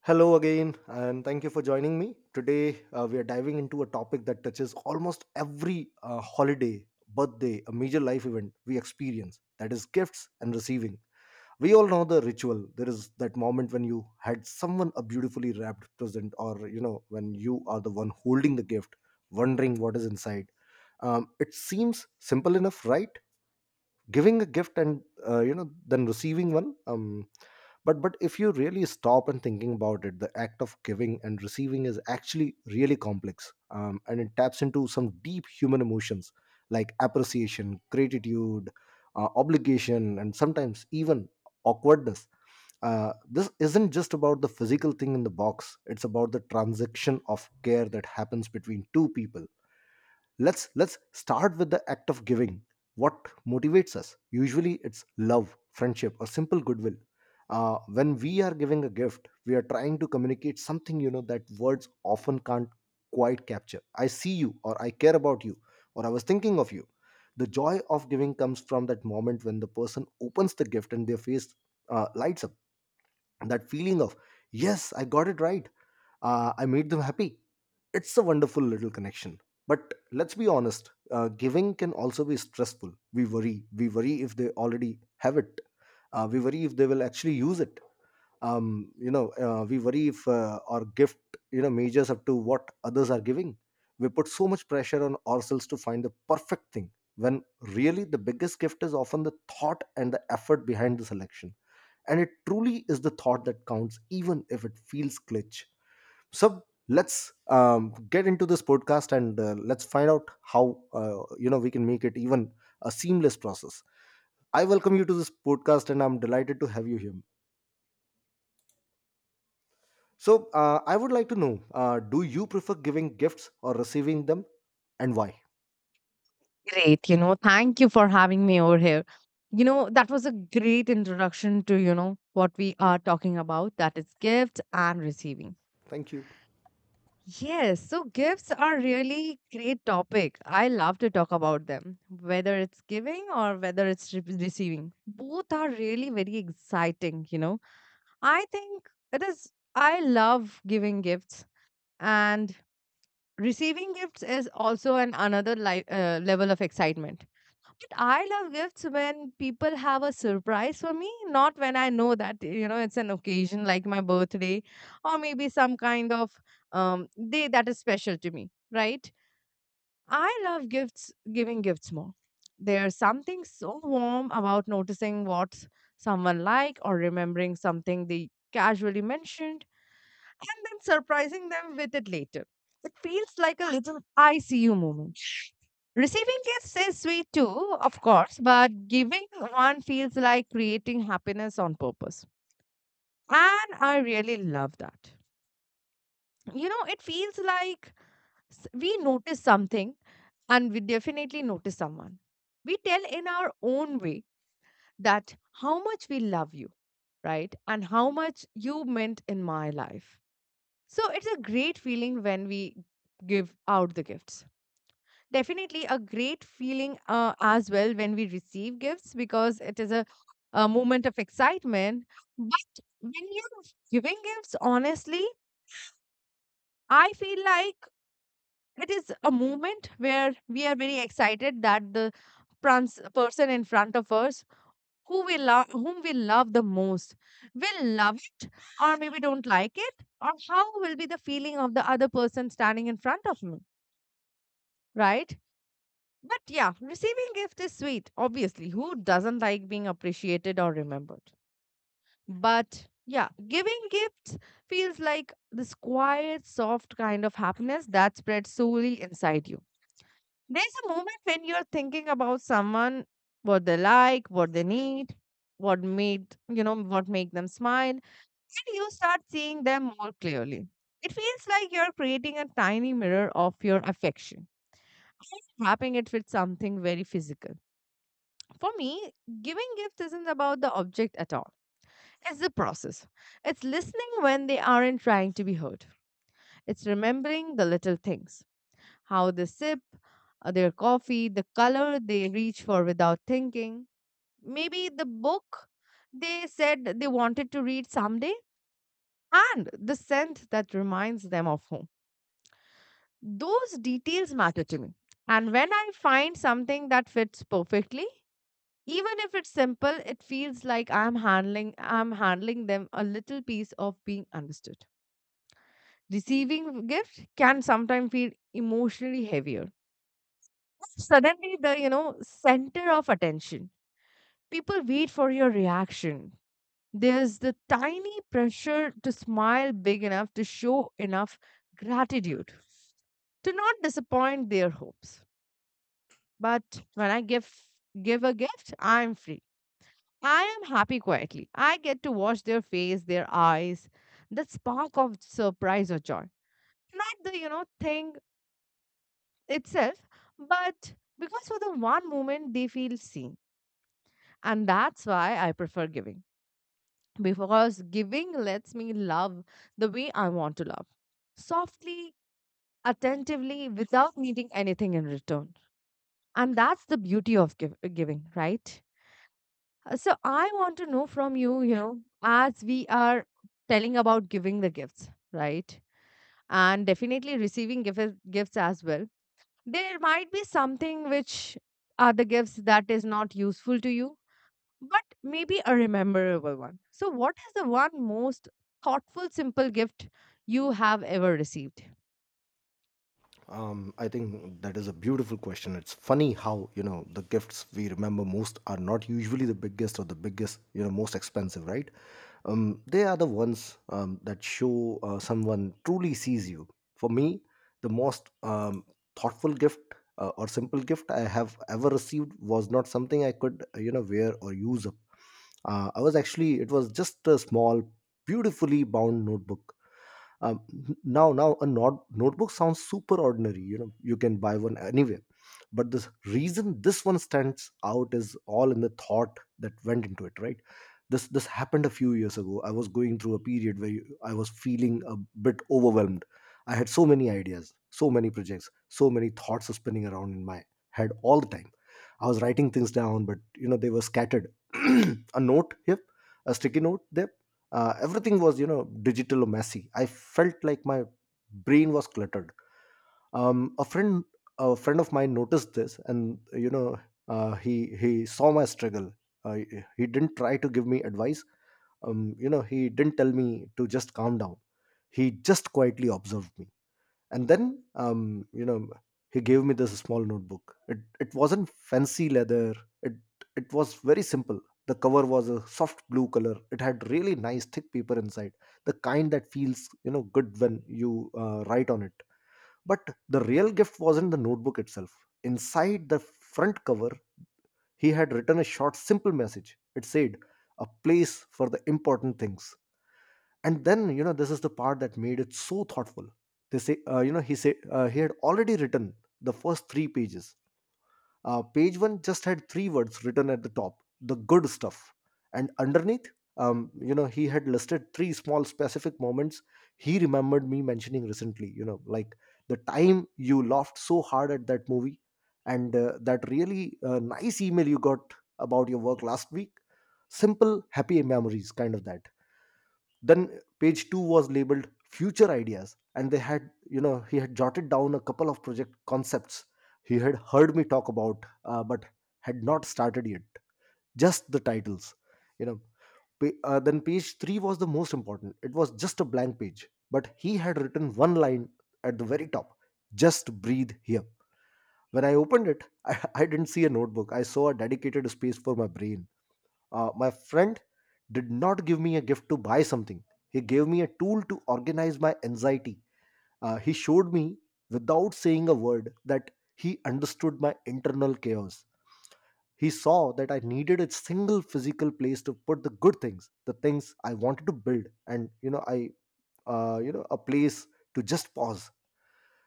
Hello again, and thank you for joining me. Today, we are diving into a topic that touches almost every holiday, birthday, a major life event we experience, that is, gifts and receiving. We all know the ritual. There is that moment when you had someone a beautifully wrapped present, or you know, when you are the one holding the gift, wondering what is inside. It seems simple enough, right? Giving a gift, and you know, than receiving one. But if you really stop and thinking about it, the act of giving and receiving is actually really complex, and it taps into some deep human emotions like appreciation, gratitude, obligation, and sometimes even awkwardness. This isn't just about the physical thing in the box, it's about the transaction of care that happens between two people. Let's start with the act of giving. What motivates us? Usually it's love, friendship, or simple goodwill. When we are giving a gift, we are trying to communicate something, you know, that words often can't quite capture. I see you, or I care about you, or I was thinking of you. The joy of giving comes from that moment when the person opens the gift and their face lights up. That feeling of yes, I got it right, I made them happy. It's a wonderful little connection. But let's be honest, giving can also be stressful. We worry, if they already have it, we worry if they will actually use it, we worry if our gift, you know, measures up to what others are giving. We put so much pressure on ourselves to find the perfect thing, when really the biggest gift is often the thought and the effort behind the selection. And it truly is the thought that counts, even if it feels glitch. So let's get into this podcast, and let's find out how, you know, we can make it even a seamless process. I welcome you to this podcast, and I'm delighted to have you here. So I would like to know, do you prefer giving gifts or receiving them, and why? Great, you know, thank you for having me over here. You know, that was a great introduction to, you know, what we are talking about that is gifts and receiving. Thank you. Yes, so gifts are really great topic. I love to talk about them, whether it's giving or whether it's receiving. Both are really very exciting, you know. I think it is I love giving gifts and receiving gifts is also an another level of excitement. I love gifts when people have a surprise for me, not when I know that, you know, it's an occasion like my birthday or maybe some kind of day that is special to me, right? I love gifts, giving gifts more. There's something so warm about noticing what someone like or remembering something they casually mentioned and then surprising them with it later. It feels like a little ICU moment. Receiving gifts is sweet too, of course, but giving one feels like creating happiness on purpose. And I really love that. You know, it feels like we notice something and we definitely notice someone. We tell in our own way that how much we love you, right? And how much you meant in my life. So it's a great feeling when we give out the gifts. Definitely a great feeling as well when we receive gifts because it is a moment of excitement. But when you're giving gifts, honestly, I feel like it is a moment where we are very excited that the person in front of us whom we love the most will love it or maybe don't like it or how will be the feeling of the other person standing in front of me, right? But yeah, receiving gift is sweet. Obviously, who doesn't like being appreciated or remembered? But yeah, giving gifts feels like this quiet, soft kind of happiness that spreads solely inside you. There's a moment when you're thinking about someone, what they like, what they need, what make them smile, and you start seeing them more clearly. It feels like you're creating a tiny mirror of your affection, wrapping it with something very physical. For me, giving gifts isn't about the object at all. It's the process. It's listening when they aren't trying to be heard. It's remembering the little things, how they sip their coffee, the color they reach for without thinking, maybe the book they said they wanted to read someday, and the scent that reminds them of home. Those details matter to me. And when I find something that fits perfectly, even if it's simple, it feels like I'm handling them a little piece of being understood. Receiving gift can sometimes feel emotionally heavier. Suddenly the center of attention. People wait for your reaction. There's the tiny pressure to smile big enough, to show enough gratitude, to not disappoint their hopes. But when I give a gift, I'm free. I am happy quietly. I get to watch their face, their eyes, that spark of surprise or joy. Not the, you know, thing itself, but because for the one moment they feel seen. And that's why I prefer giving. Because giving lets me love the way I want to love. Softly, attentively, without needing anything in return. And that's the beauty of giving, right? So I want to know from you, you know, as we are telling about giving the gifts, right? And definitely receiving gifts as well. There might be something which are the gifts that is not useful to you but maybe a rememberable one. So, what is the one most thoughtful, simple gift you have ever received? I think that is a beautiful question. It's funny how, you know, the gifts we remember most are not usually the biggest, or the biggest, you know, most expensive, right? They are the ones, that show someone truly sees you. For me, the most thoughtful gift or simple gift I have ever received was not something I could, you know, wear or use up. It was just a small, beautifully bound notebook. um, now now a not- Notebook sounds super ordinary, you know, you can buy one anywhere. But the reason this one stands out is all in the thought that went into it, right? This happened a few years ago. I was going through a period where I was feeling a bit overwhelmed. I had so many ideas, so many projects, so many thoughts spinning around in my head all the time. I was writing things down, but you know, they were scattered. A note here, a sticky note there, everything was, you know, digital or messy. I felt like my brain was cluttered. um, a friend a friend of mine noticed this, and you know, uh, he he saw my struggle. uh, he didn't try to give me advice. You know, he didn't tell me to just calm down. He just quietly observed me, and then, you know, he gave me this small notebook. It wasn't fancy leather, it it was very simple. The cover was a soft blue color. It had really nice thick paper inside, the kind that feels, you know, good when you write on it. But the real gift wasn't the notebook itself. Inside the front cover, he had written a short simple message. It said, a place for the important things. And then, you know, this is the part that made it so thoughtful. They say, you know, he said, he had already written the first three pages. Page one just had three words written at the top, the good stuff. And underneath, you know, he had listed three small specific moments he remembered me mentioning recently, you know, like the time you laughed so hard at that movie, and that really nice email you got about your work last week. Simple happy memories, kind of that. Then page 2 was labeled future ideas, and they had you know, he had jotted down a couple of project concepts he had heard me talk about, but had not started yet. Just the titles, you know. Then page 3 was the most important. It was just a blank page, but he had written one line at the very top, just breathe here. When I opened it, I didn't see a notebook, I saw a dedicated space for my brain. My friend did not give me a gift to buy something. He gave me a tool to organize my anxiety. He showed me, without saying a word, that he understood my internal chaos. He saw that I needed a single physical place to put the good things, the things I wanted to build, and you know, you know, a place to just pause.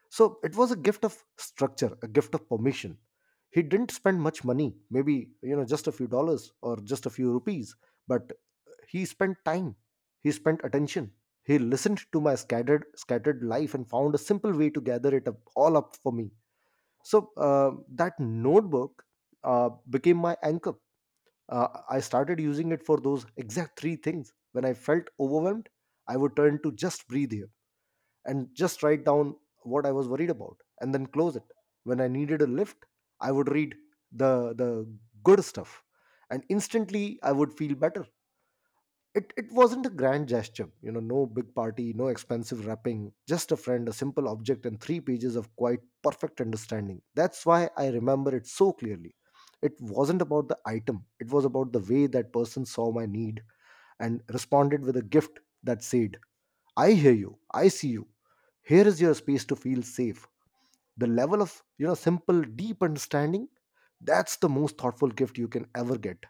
So it was a gift of structure, a gift of permission. He didn't spend much money, maybe, you know, just a few dollars or just a few rupees, but he spent time, he spent attention. He listened to my scattered life and found a simple way to gather it up, all up for me. So that notebook became my anchor. I started using it for those exact three things. When I felt overwhelmed, I would turn to just breathe here, and just write down what I was worried about, and then close it. When I needed a lift, I would read the good stuff, and instantly I would feel better. It wasn't a grand gesture, you know, no big party, no expensive wrapping, just a friend, a simple object, and three pages of quite perfect understanding. That's why I remember it so clearly. It wasn't about the item, it was about the way that person saw my need and responded with a gift that said, I hear you, I see you, here is your space to feel safe. The level of, you know, simple deep understanding, that's the most thoughtful gift you can ever get.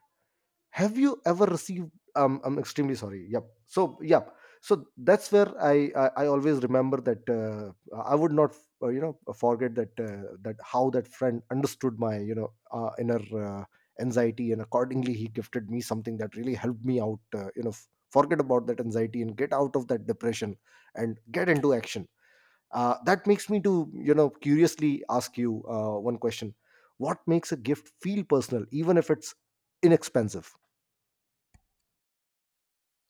Have you ever received? I'm extremely sorry. Yep, so, yep, so that's where I always remember that. I would not, you know, forget that, that how that friend understood my, you know, inner uh, anxiety, and accordingly he gifted me something that really helped me out, you know, forget about that anxiety and get out of that depression and get into action. That makes me to, you know, curiously ask you one question. What makes a gift feel personal, even if it's inexpensive?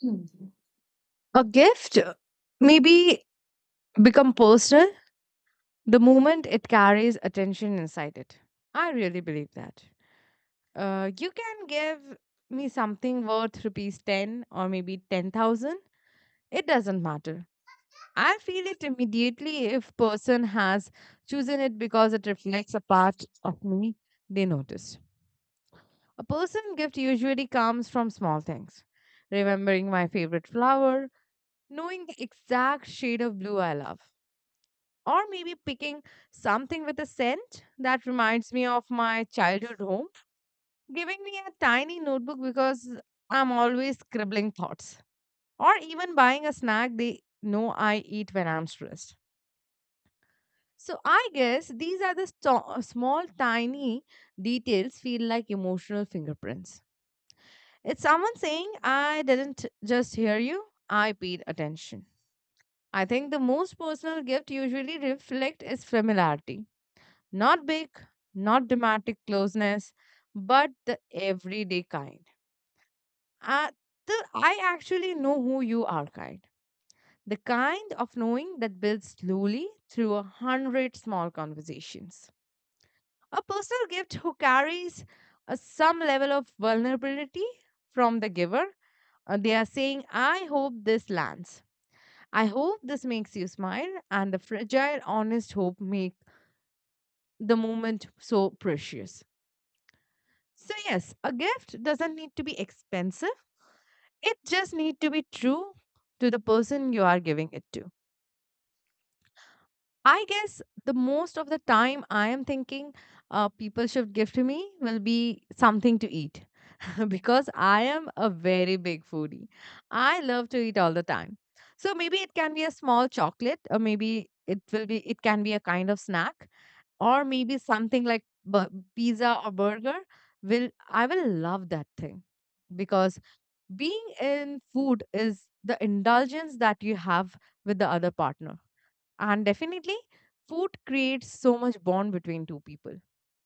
Mhm. A gift maybe become personal the moment it carries attention inside it. I really believe that. You can give me something worth rupees 10 or maybe 10,000. It doesn't matter. I feel it immediately if person has chosen it because it reflects a part of me they noticed. A person gift usually comes from small things. Remembering my favorite flower, knowing the exact shade of blue I love, or maybe picking something with a scent that reminds me of my childhood home, giving me a tiny notebook because I'm always scribbling thoughts, or even buying a snack they know I eat when I'm stressed. So I guess these are the small, tiny details feel like emotional fingerprints. It's someone saying, I didn't just hear you, I paid attention. I think the most personal gift usually reflect is familiarity. Not big, not dramatic closeness, but the everyday kind. Uh, the I actually know who you are kind. The kind of knowing that builds slowly through a hundred small conversations. A personal gift who carries some level of vulnerability from the giver. They are saying, I hope this lands. I hope this makes you smile. And the fragile, honest hope make the moment so precious. So, yes, a gift doesn't need to be expensive. It just need to be true to the person you are giving it to. I guess the most of the time I am thinking people should gift me will be something to eat because I am a very big foodie. I love to eat all the time. So maybe it can be a small chocolate, or maybe it will be it can be a kind of snack, or maybe something like pizza or burger. Will I will love that thing because being in food is the indulgence that you have with the other partner. And definitely, food creates so much bond between two people.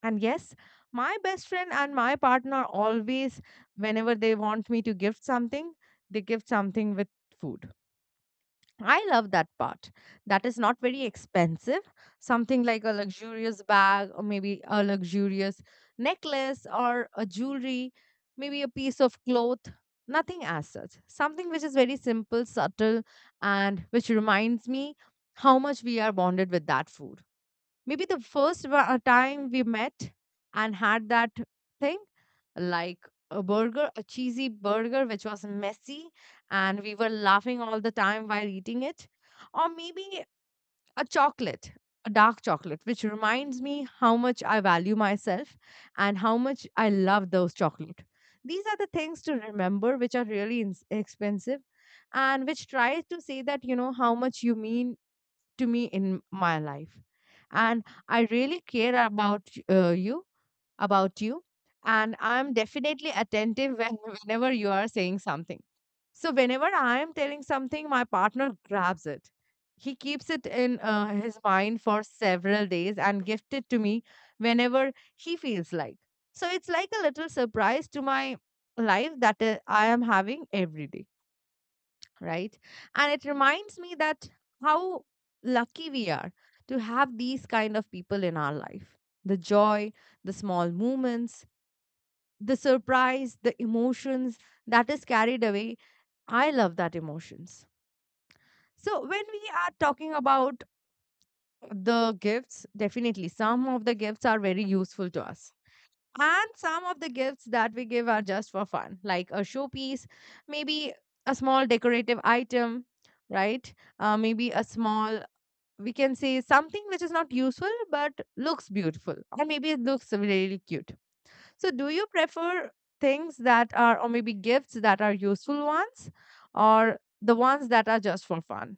And yes, my best friend and my partner always, whenever they want me to gift something, they gift something with food. I love that part. That is not very expensive. Something like a luxurious bag, or maybe a luxurious necklace, or a jewelry, maybe a piece of cloth. Nothing as such. Something which is very simple, subtle, and which reminds me how much we are bonded with that food, maybe the first time we met and had that thing, like a burger, a cheesy burger which was messy and we were laughing all the time while eating it, or maybe a chocolate, a dark chocolate which reminds me how much I value myself and how much I love those chocolate. These are the things to remember, which are really expensive and which tries to say that you know how much you mean to me in my life, and I really care about you about you, and I'm definitely attentive when, whenever you are saying something. So whenever I am telling something, my partner grabs it. He keeps it in his mind for several days and gifts it to me whenever he feels like. So it's like a little surprise to my life, that I am having every day, right? And it reminds me that how lucky we are to have these kind of people in our life. The joy, the small moments, the surprise, the emotions that is carried away. I love that emotions. So when we are talking about the gifts, definitely some of the gifts are very useful to us, and some of the gifts that we give are just for fun, like a showpiece, maybe a small decorative item, right? Maybe a small, we can say something which is not useful but looks beautiful, or maybe it looks really cute. So, do you prefer things that are, or maybe gifts that are useful ones, or the ones that are just for fun?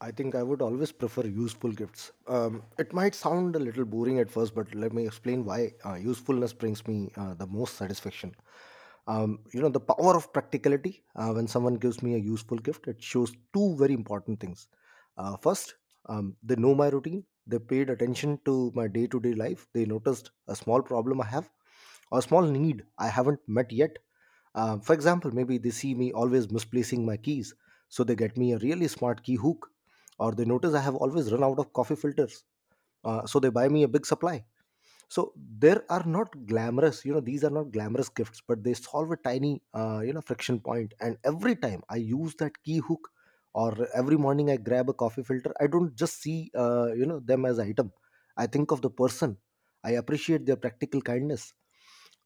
I think I would always prefer useful gifts. It might sound a little boring at first, but let me explain why. Usefulness brings me the most satisfaction. You know, the power of practicality. When someone gives me a useful gift, it shows two very important things. First, they know my routine, they paid attention to my day to day life, they noticed a small problem I have, or a small need I haven't met yet. For example, maybe they see me always misplacing my keys, so they get me a really smart key hook. Or they notice I have always run out of coffee filters, so they buy me a big supply. So there are not glamorous, you know, these are not glamorous gifts, but they solve a tiny, you know, friction point. And every time I use that key hook or every morning I grab a coffee filter, I don't just see them as item. I think of the person. I appreciate their practical kindness.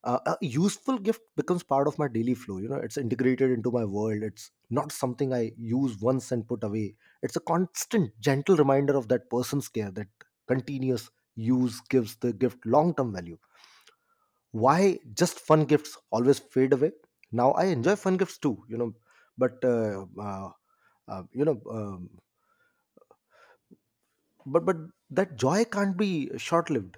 A useful gift becomes part of my daily flow. You know, it's integrated into my world. It's not something I use once and put away. It's a constant gentle reminder of that person's care. That continuous use gives the gift long term value. Why just fun gifts always fade away. Now I enjoy fun gifts too, you know, but you know but that joy can't be short lived.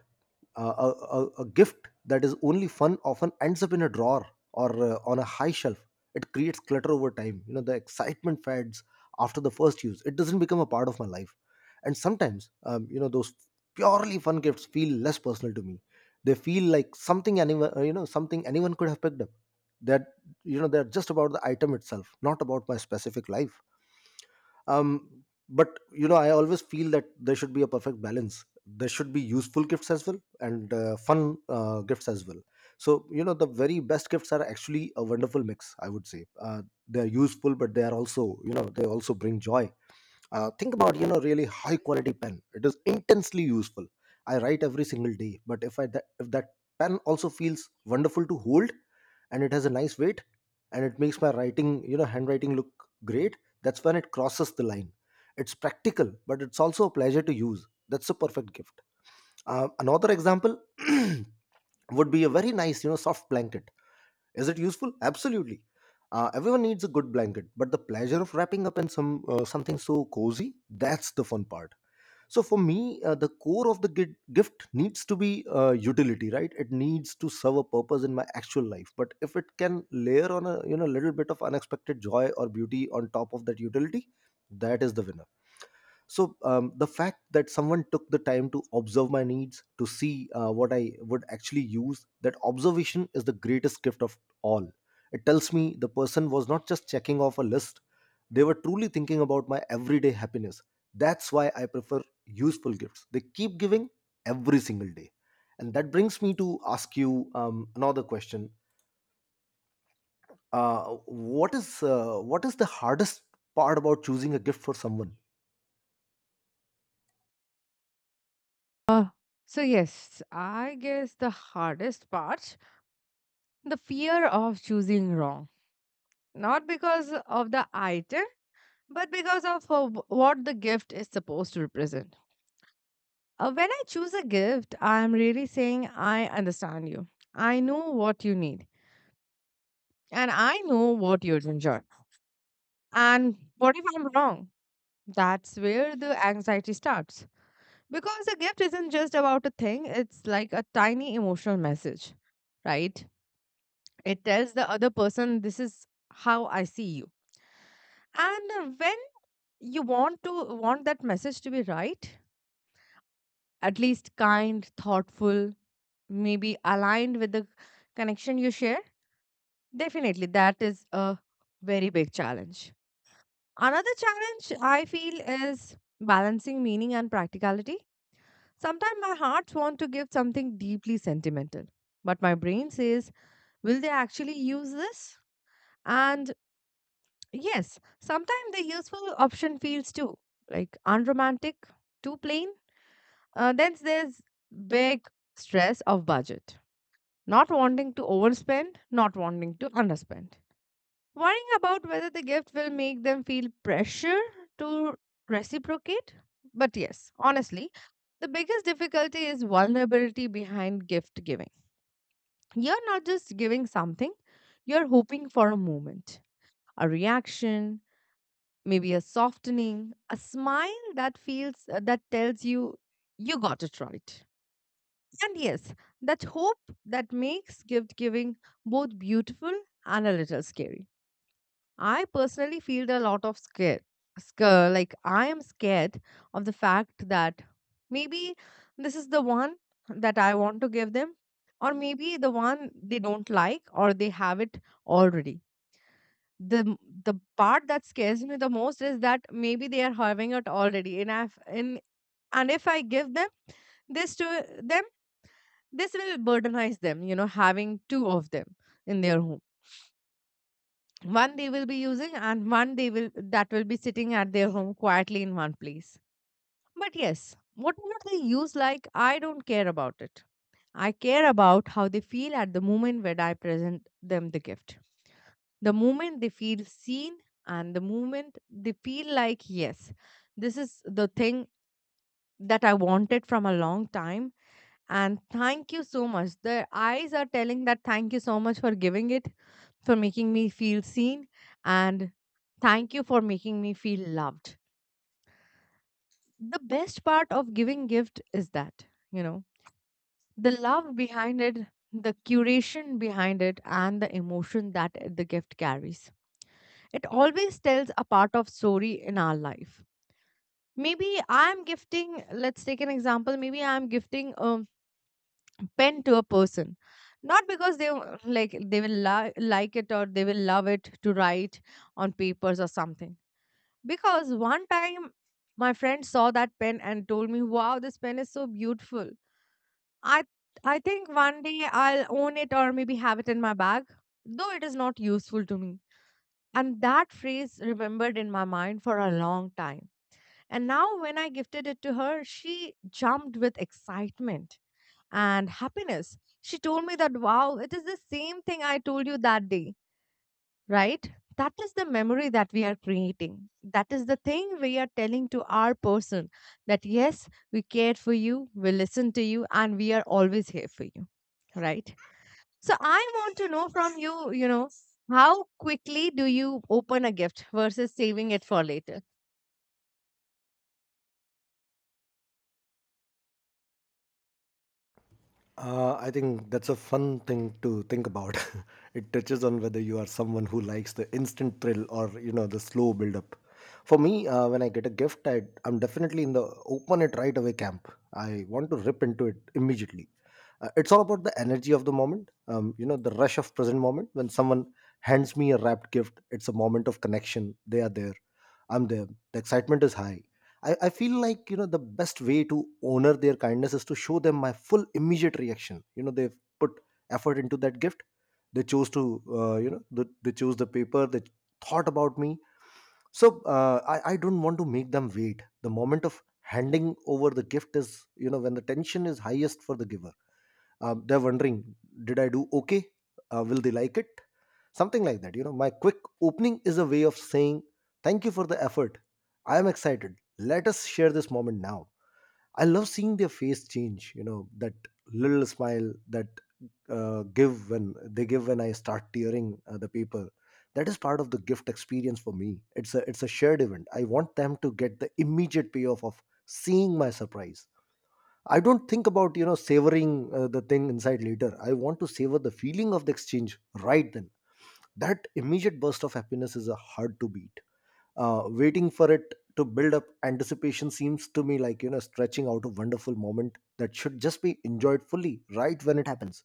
A gift that is only fun often ends up in a drawer or on a high shelf. It creates clutter over time. You know, the excitement fades. After the first use it doesn't become a part of my life. And sometimes, you know, those purely fun gifts feel less personal to me. They feel like something anyone, something anyone could have picked up. That, you know, they're just about the item itself, not about my specific life. um but you know, I always feel that there should be a perfect balance. There should be useful gifts as well and fun gifts as well. So you know, the very best gifts are actually a wonderful mix, I would say. They are useful, but they are also, you know, they also bring joy. Think about, you know, really high quality pen. It is intensely useful. I write every single day. But if that pen also feels wonderful to hold and it has a nice weight, and it makes my writing, you know, handwriting look great, that's when it crosses the line. It's practical, but it's also a pleasure to use. That's a perfect gift. Another example would be a very nice, you know, soft blanket. Is it useful? Absolutely. Everyone needs a good blanket, but the pleasure of wrapping up in something so cozy, that's the fun part. So for me, the core of the gift needs to be utility, right? It needs to serve a purpose in my actual life. But if it can layer on a, you know, little bit of unexpected joy or beauty on top of that utility, that is the winner. So the fact that someone took the time to observe my needs, to see what I would actually use, that observation is the greatest gift of all. It tells me the person was not just checking off a list. They were truly thinking about my everyday happiness. That's why I prefer useful gifts. They keep giving every single day. And that brings me to ask you another question. What is the hardest part about choosing a gift for someone? Uh, so yes, I guess the hardest part, the fear of choosing wrong. Not because of the item, but because of what the gift is supposed to represent. When I choose a gift, I'm really saying, I understand you. I know what you need. And I know what you'd enjoy. And what if I'm wrong? That's where the anxiety starts. Because a gift isn't just about a thing, it's like a tiny emotional message, right? It tells the other person, this is how I see you. And when you want to want that message to be right, at least kind, thoughtful, maybe aligned with the connection you share, definitely that is a very big challenge. Another challenge I feel is balancing meaning and practicality. Sometimes my hearts want to give something deeply sentimental, but my brain says, will they actually use this? And yes, sometimes the useful option feels too like unromantic, too plain. Then there's big stress of budget, not wanting to overspend, not wanting to underspend, worrying about whether the gift will make them feel pressure to reciprocate. But yes, honestly, the biggest difficulty is vulnerability behind gift giving. You're not just giving something, you're hoping for a moment, a reaction, maybe a softening, a smile that feels that tells you you got it right. And yes, that hope that makes gift giving both beautiful and a little scary. I personally feel a lot of scare. Like I am scared of the fact that maybe this is the one that I want to give them, or maybe the one they don't like, or they have it already. the m- The part that scares me the most is that maybe they are having it already, and if I give them this to them, this will burdenize them, you know, having two of them in their home. One they will be using and one they will that will be sitting at their home quietly in one place. But yes, whatever they use, like, I don't care about it. I care about how they feel at the moment when I present them the gift. The moment they feel seen, and the moment they feel like, yes, this is the thing that I wanted from a long time. And thank you so much, their eyes are telling that, thank you so much for giving it, for making me feel seen, and thank you for making me feel loved. The best part of giving gift is that, you know, the love behind it, the curation behind it, and the emotion that the gift carries. It always tells a part of story in our life. Maybe I'm gifting, let's take an example, maybe I'm gifting a pen to a person. Not because they will like it, or they will love it to write on papers or something. Because one time my friend saw that pen and told me, "Wow, this pen is so beautiful. I think one day I'll own it or maybe have it in my bag, though it is not useful to me." And that phrase remembered in my mind for a long time. And now when I gifted it to her, she jumped with excitement and happiness. She told me that, "Wow, it is the same thing I told you that day." Right? That is the memory that we are creating. That is the thing we are telling to our person, that yes, we cared for you, we listened to you, and we are always here for you, right? So I want to know from you, you know, how quickly do you open a gift versus saving it for later? I think that's a fun thing to think about. It touches on whether you are someone who likes the instant thrill or, you know, the slow build up. For me, when I get a gift, I'm definitely in the open it right away camp. I want to rip into it immediately. It's all about the energy of the moment. You know, the rush of present moment. When someone hands me a wrapped gift, it's a moment of connection. They are there. I'm there. The excitement is high. I feel like, you know, the best way to honor their kindness is to show them my full immediate reaction. You know, they've put effort into that gift. They chose to, they chose the paper. They thought about me. So I don't want to make them wait. The moment of handing over the gift is, you know, when the tension is highest for the giver. Um, they're wondering, did I do okay? Uh, will they like it? Something like that. You know, my quick opening is a way of saying thank you for the effort. I am excited. Let us share this moment now. I love seeing their face change. You know, that little smile that give when I start tearing the paper. That is part of the gift experience for me. It's a, it's a shared event. I want them to get the immediate payoff of seeing my surprise. I don't think about, you know, savoring the thing inside later. I want to savor the feeling of the exchange right then. That immediate burst of happiness is hard to beat. Uh, waiting for it to build up anticipation seems to me like, you know, stretching out a wonderful moment that should just be enjoyed fully right when it happens.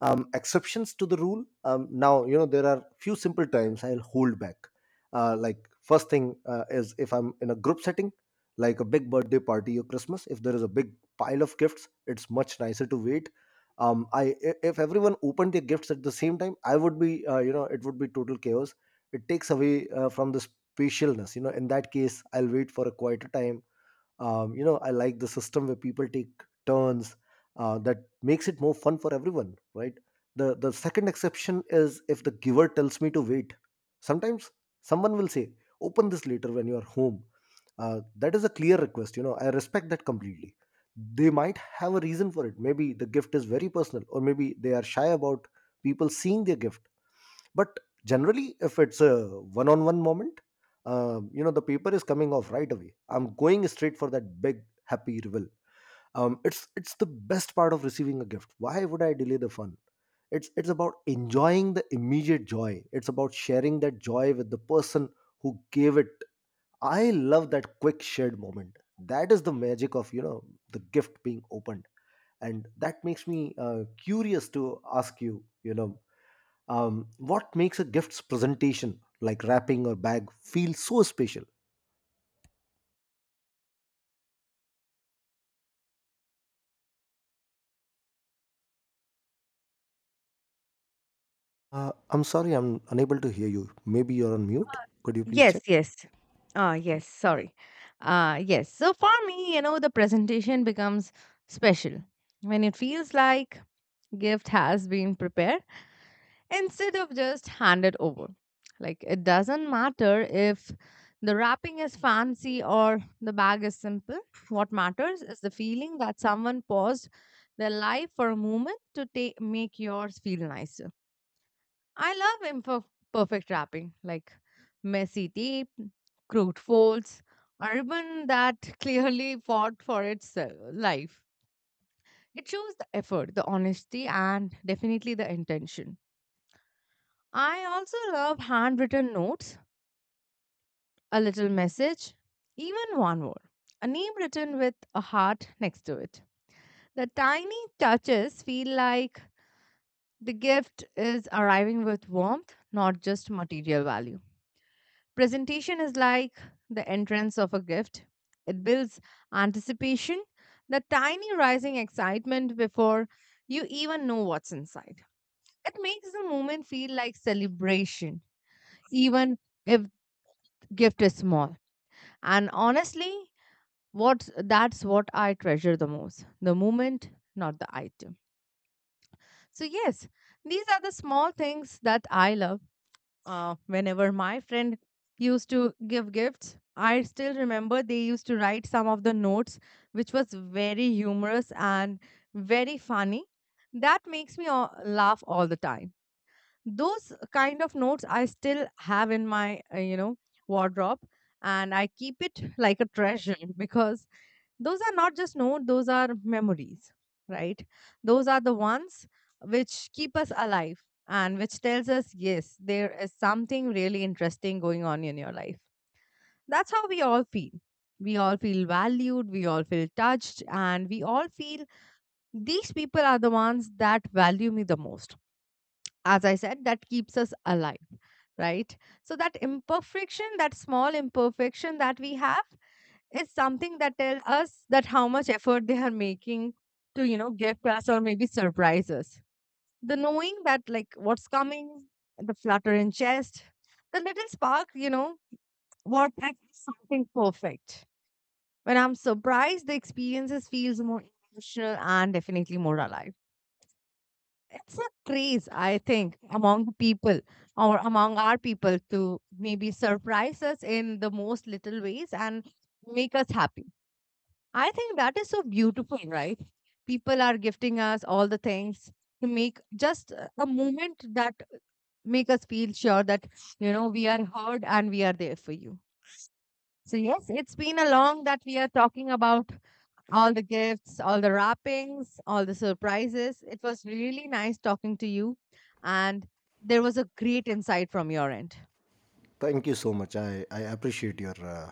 Um, exceptions to the rule. Now, you know, there are few simple times I'll hold back. Like first thing is if I'm in a group setting, like a big birthday party or Christmas. If there is a big pile of gifts, it's much nicer to wait. um, i if everyone opened their gifts at the same time, I would be, you know, it would be total chaos. It takes away from the spatialness. You know, in that case I'll wait for a quieter time. Um, you know, I like the system where people take turns. That makes it more fun for everyone, right? The second exception is if the giver tells me to wait. Sometimes someone will say, open this later when you are home. Uh, that is a clear request. You know, I respect that completely. They might have a reason for it. Maybe the gift is very personal, or maybe they are shy about people seeing their gift. But generally, if it's a one-on-one moment, you know, the paper is coming off right away. I'm going straight for that big happy reveal. Um, it's the best part of receiving a gift. Why would I delay the fun? It's about enjoying the immediate joy. It's about sharing that joy with the person who gave it. I love that quick shared moment. That is the magic of, you know, the gift being opened. And that makes me curious to ask you, you know, what makes a gift's presentation, like wrapping or bag, feel so special? I'm sorry, I'm unable to hear you. Maybe you're on mute. Could you please Yes, check? yes. Ah, yes, sorry. Yes. So for me, you know, the presentation becomes special when it feels like gift has been prepared instead of just hand it over. Like, it doesn't matter if the wrapping is fancy or the bag is simple. What matters is the feeling that someone paused their life for a moment to take make yours feel nicer. I love imperfect wrapping, like messy tape, crude folds, a ribbon that clearly fought for its life. It shows the effort, the honesty, and definitely the intention. I also love handwritten notes, a little message, even one word, a name written with a heart next to it. The tiny touches feel like the gift is arriving with warmth, not just material value. Presentation is like the entrance of a gift. It builds anticipation, the tiny rising excitement before you even know what's inside. It makes the moment feel like celebration, even if the gift is small. And honestly, what's that's what I treasure the most, the moment, not the item. So, yes, these are the small things that I love. Whenever my friend used to give gifts, I still remember they used to write some of the notes, which was very humorous and very funny. That makes me laugh all the time. Those kind of notes I still have in my, you know, wardrobe, and I keep it like a treasure because those are not just notes, those are memories, right? Those are the ones which keep us alive and which tells us, yes, there is something really interesting going on in your life. That's how we all feel. We all feel valued, we all feel touched, and we all feel these people are the ones that value me the most. As I said, that keeps us alive, right? So that imperfection, that small imperfection that we have, it's something that tells us that how much effort they are making to, you know, gift us or maybe surprise us. The knowing that, like, what's coming, the flutter in chest, the little spark, you know, what, like, something perfect. When I'm surprised, the experiences feels more emotional and definitely more alive. It's a craze, I think, among the people or among our people to maybe surprise us in the most little ways and make us happy. I think that is so beautiful, right? People are gifting us all the things to make just a moment that make us feel sure that, you know, we are heard and we are there for you. So yes, it's been a long that we are talking about all the gifts, all the wrappings, all the surprises. It was really nice talking to you, and there was a great insight from your end. Thank you so much. I appreciate your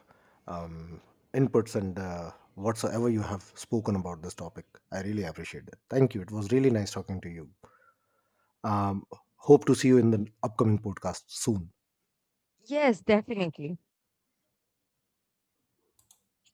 um, inputs and whatsoever you have spoken about this topic. I really appreciate it. Thank you. It was really nice talking to you. Um, hope to see you in the upcoming podcast soon. Yes, definitely.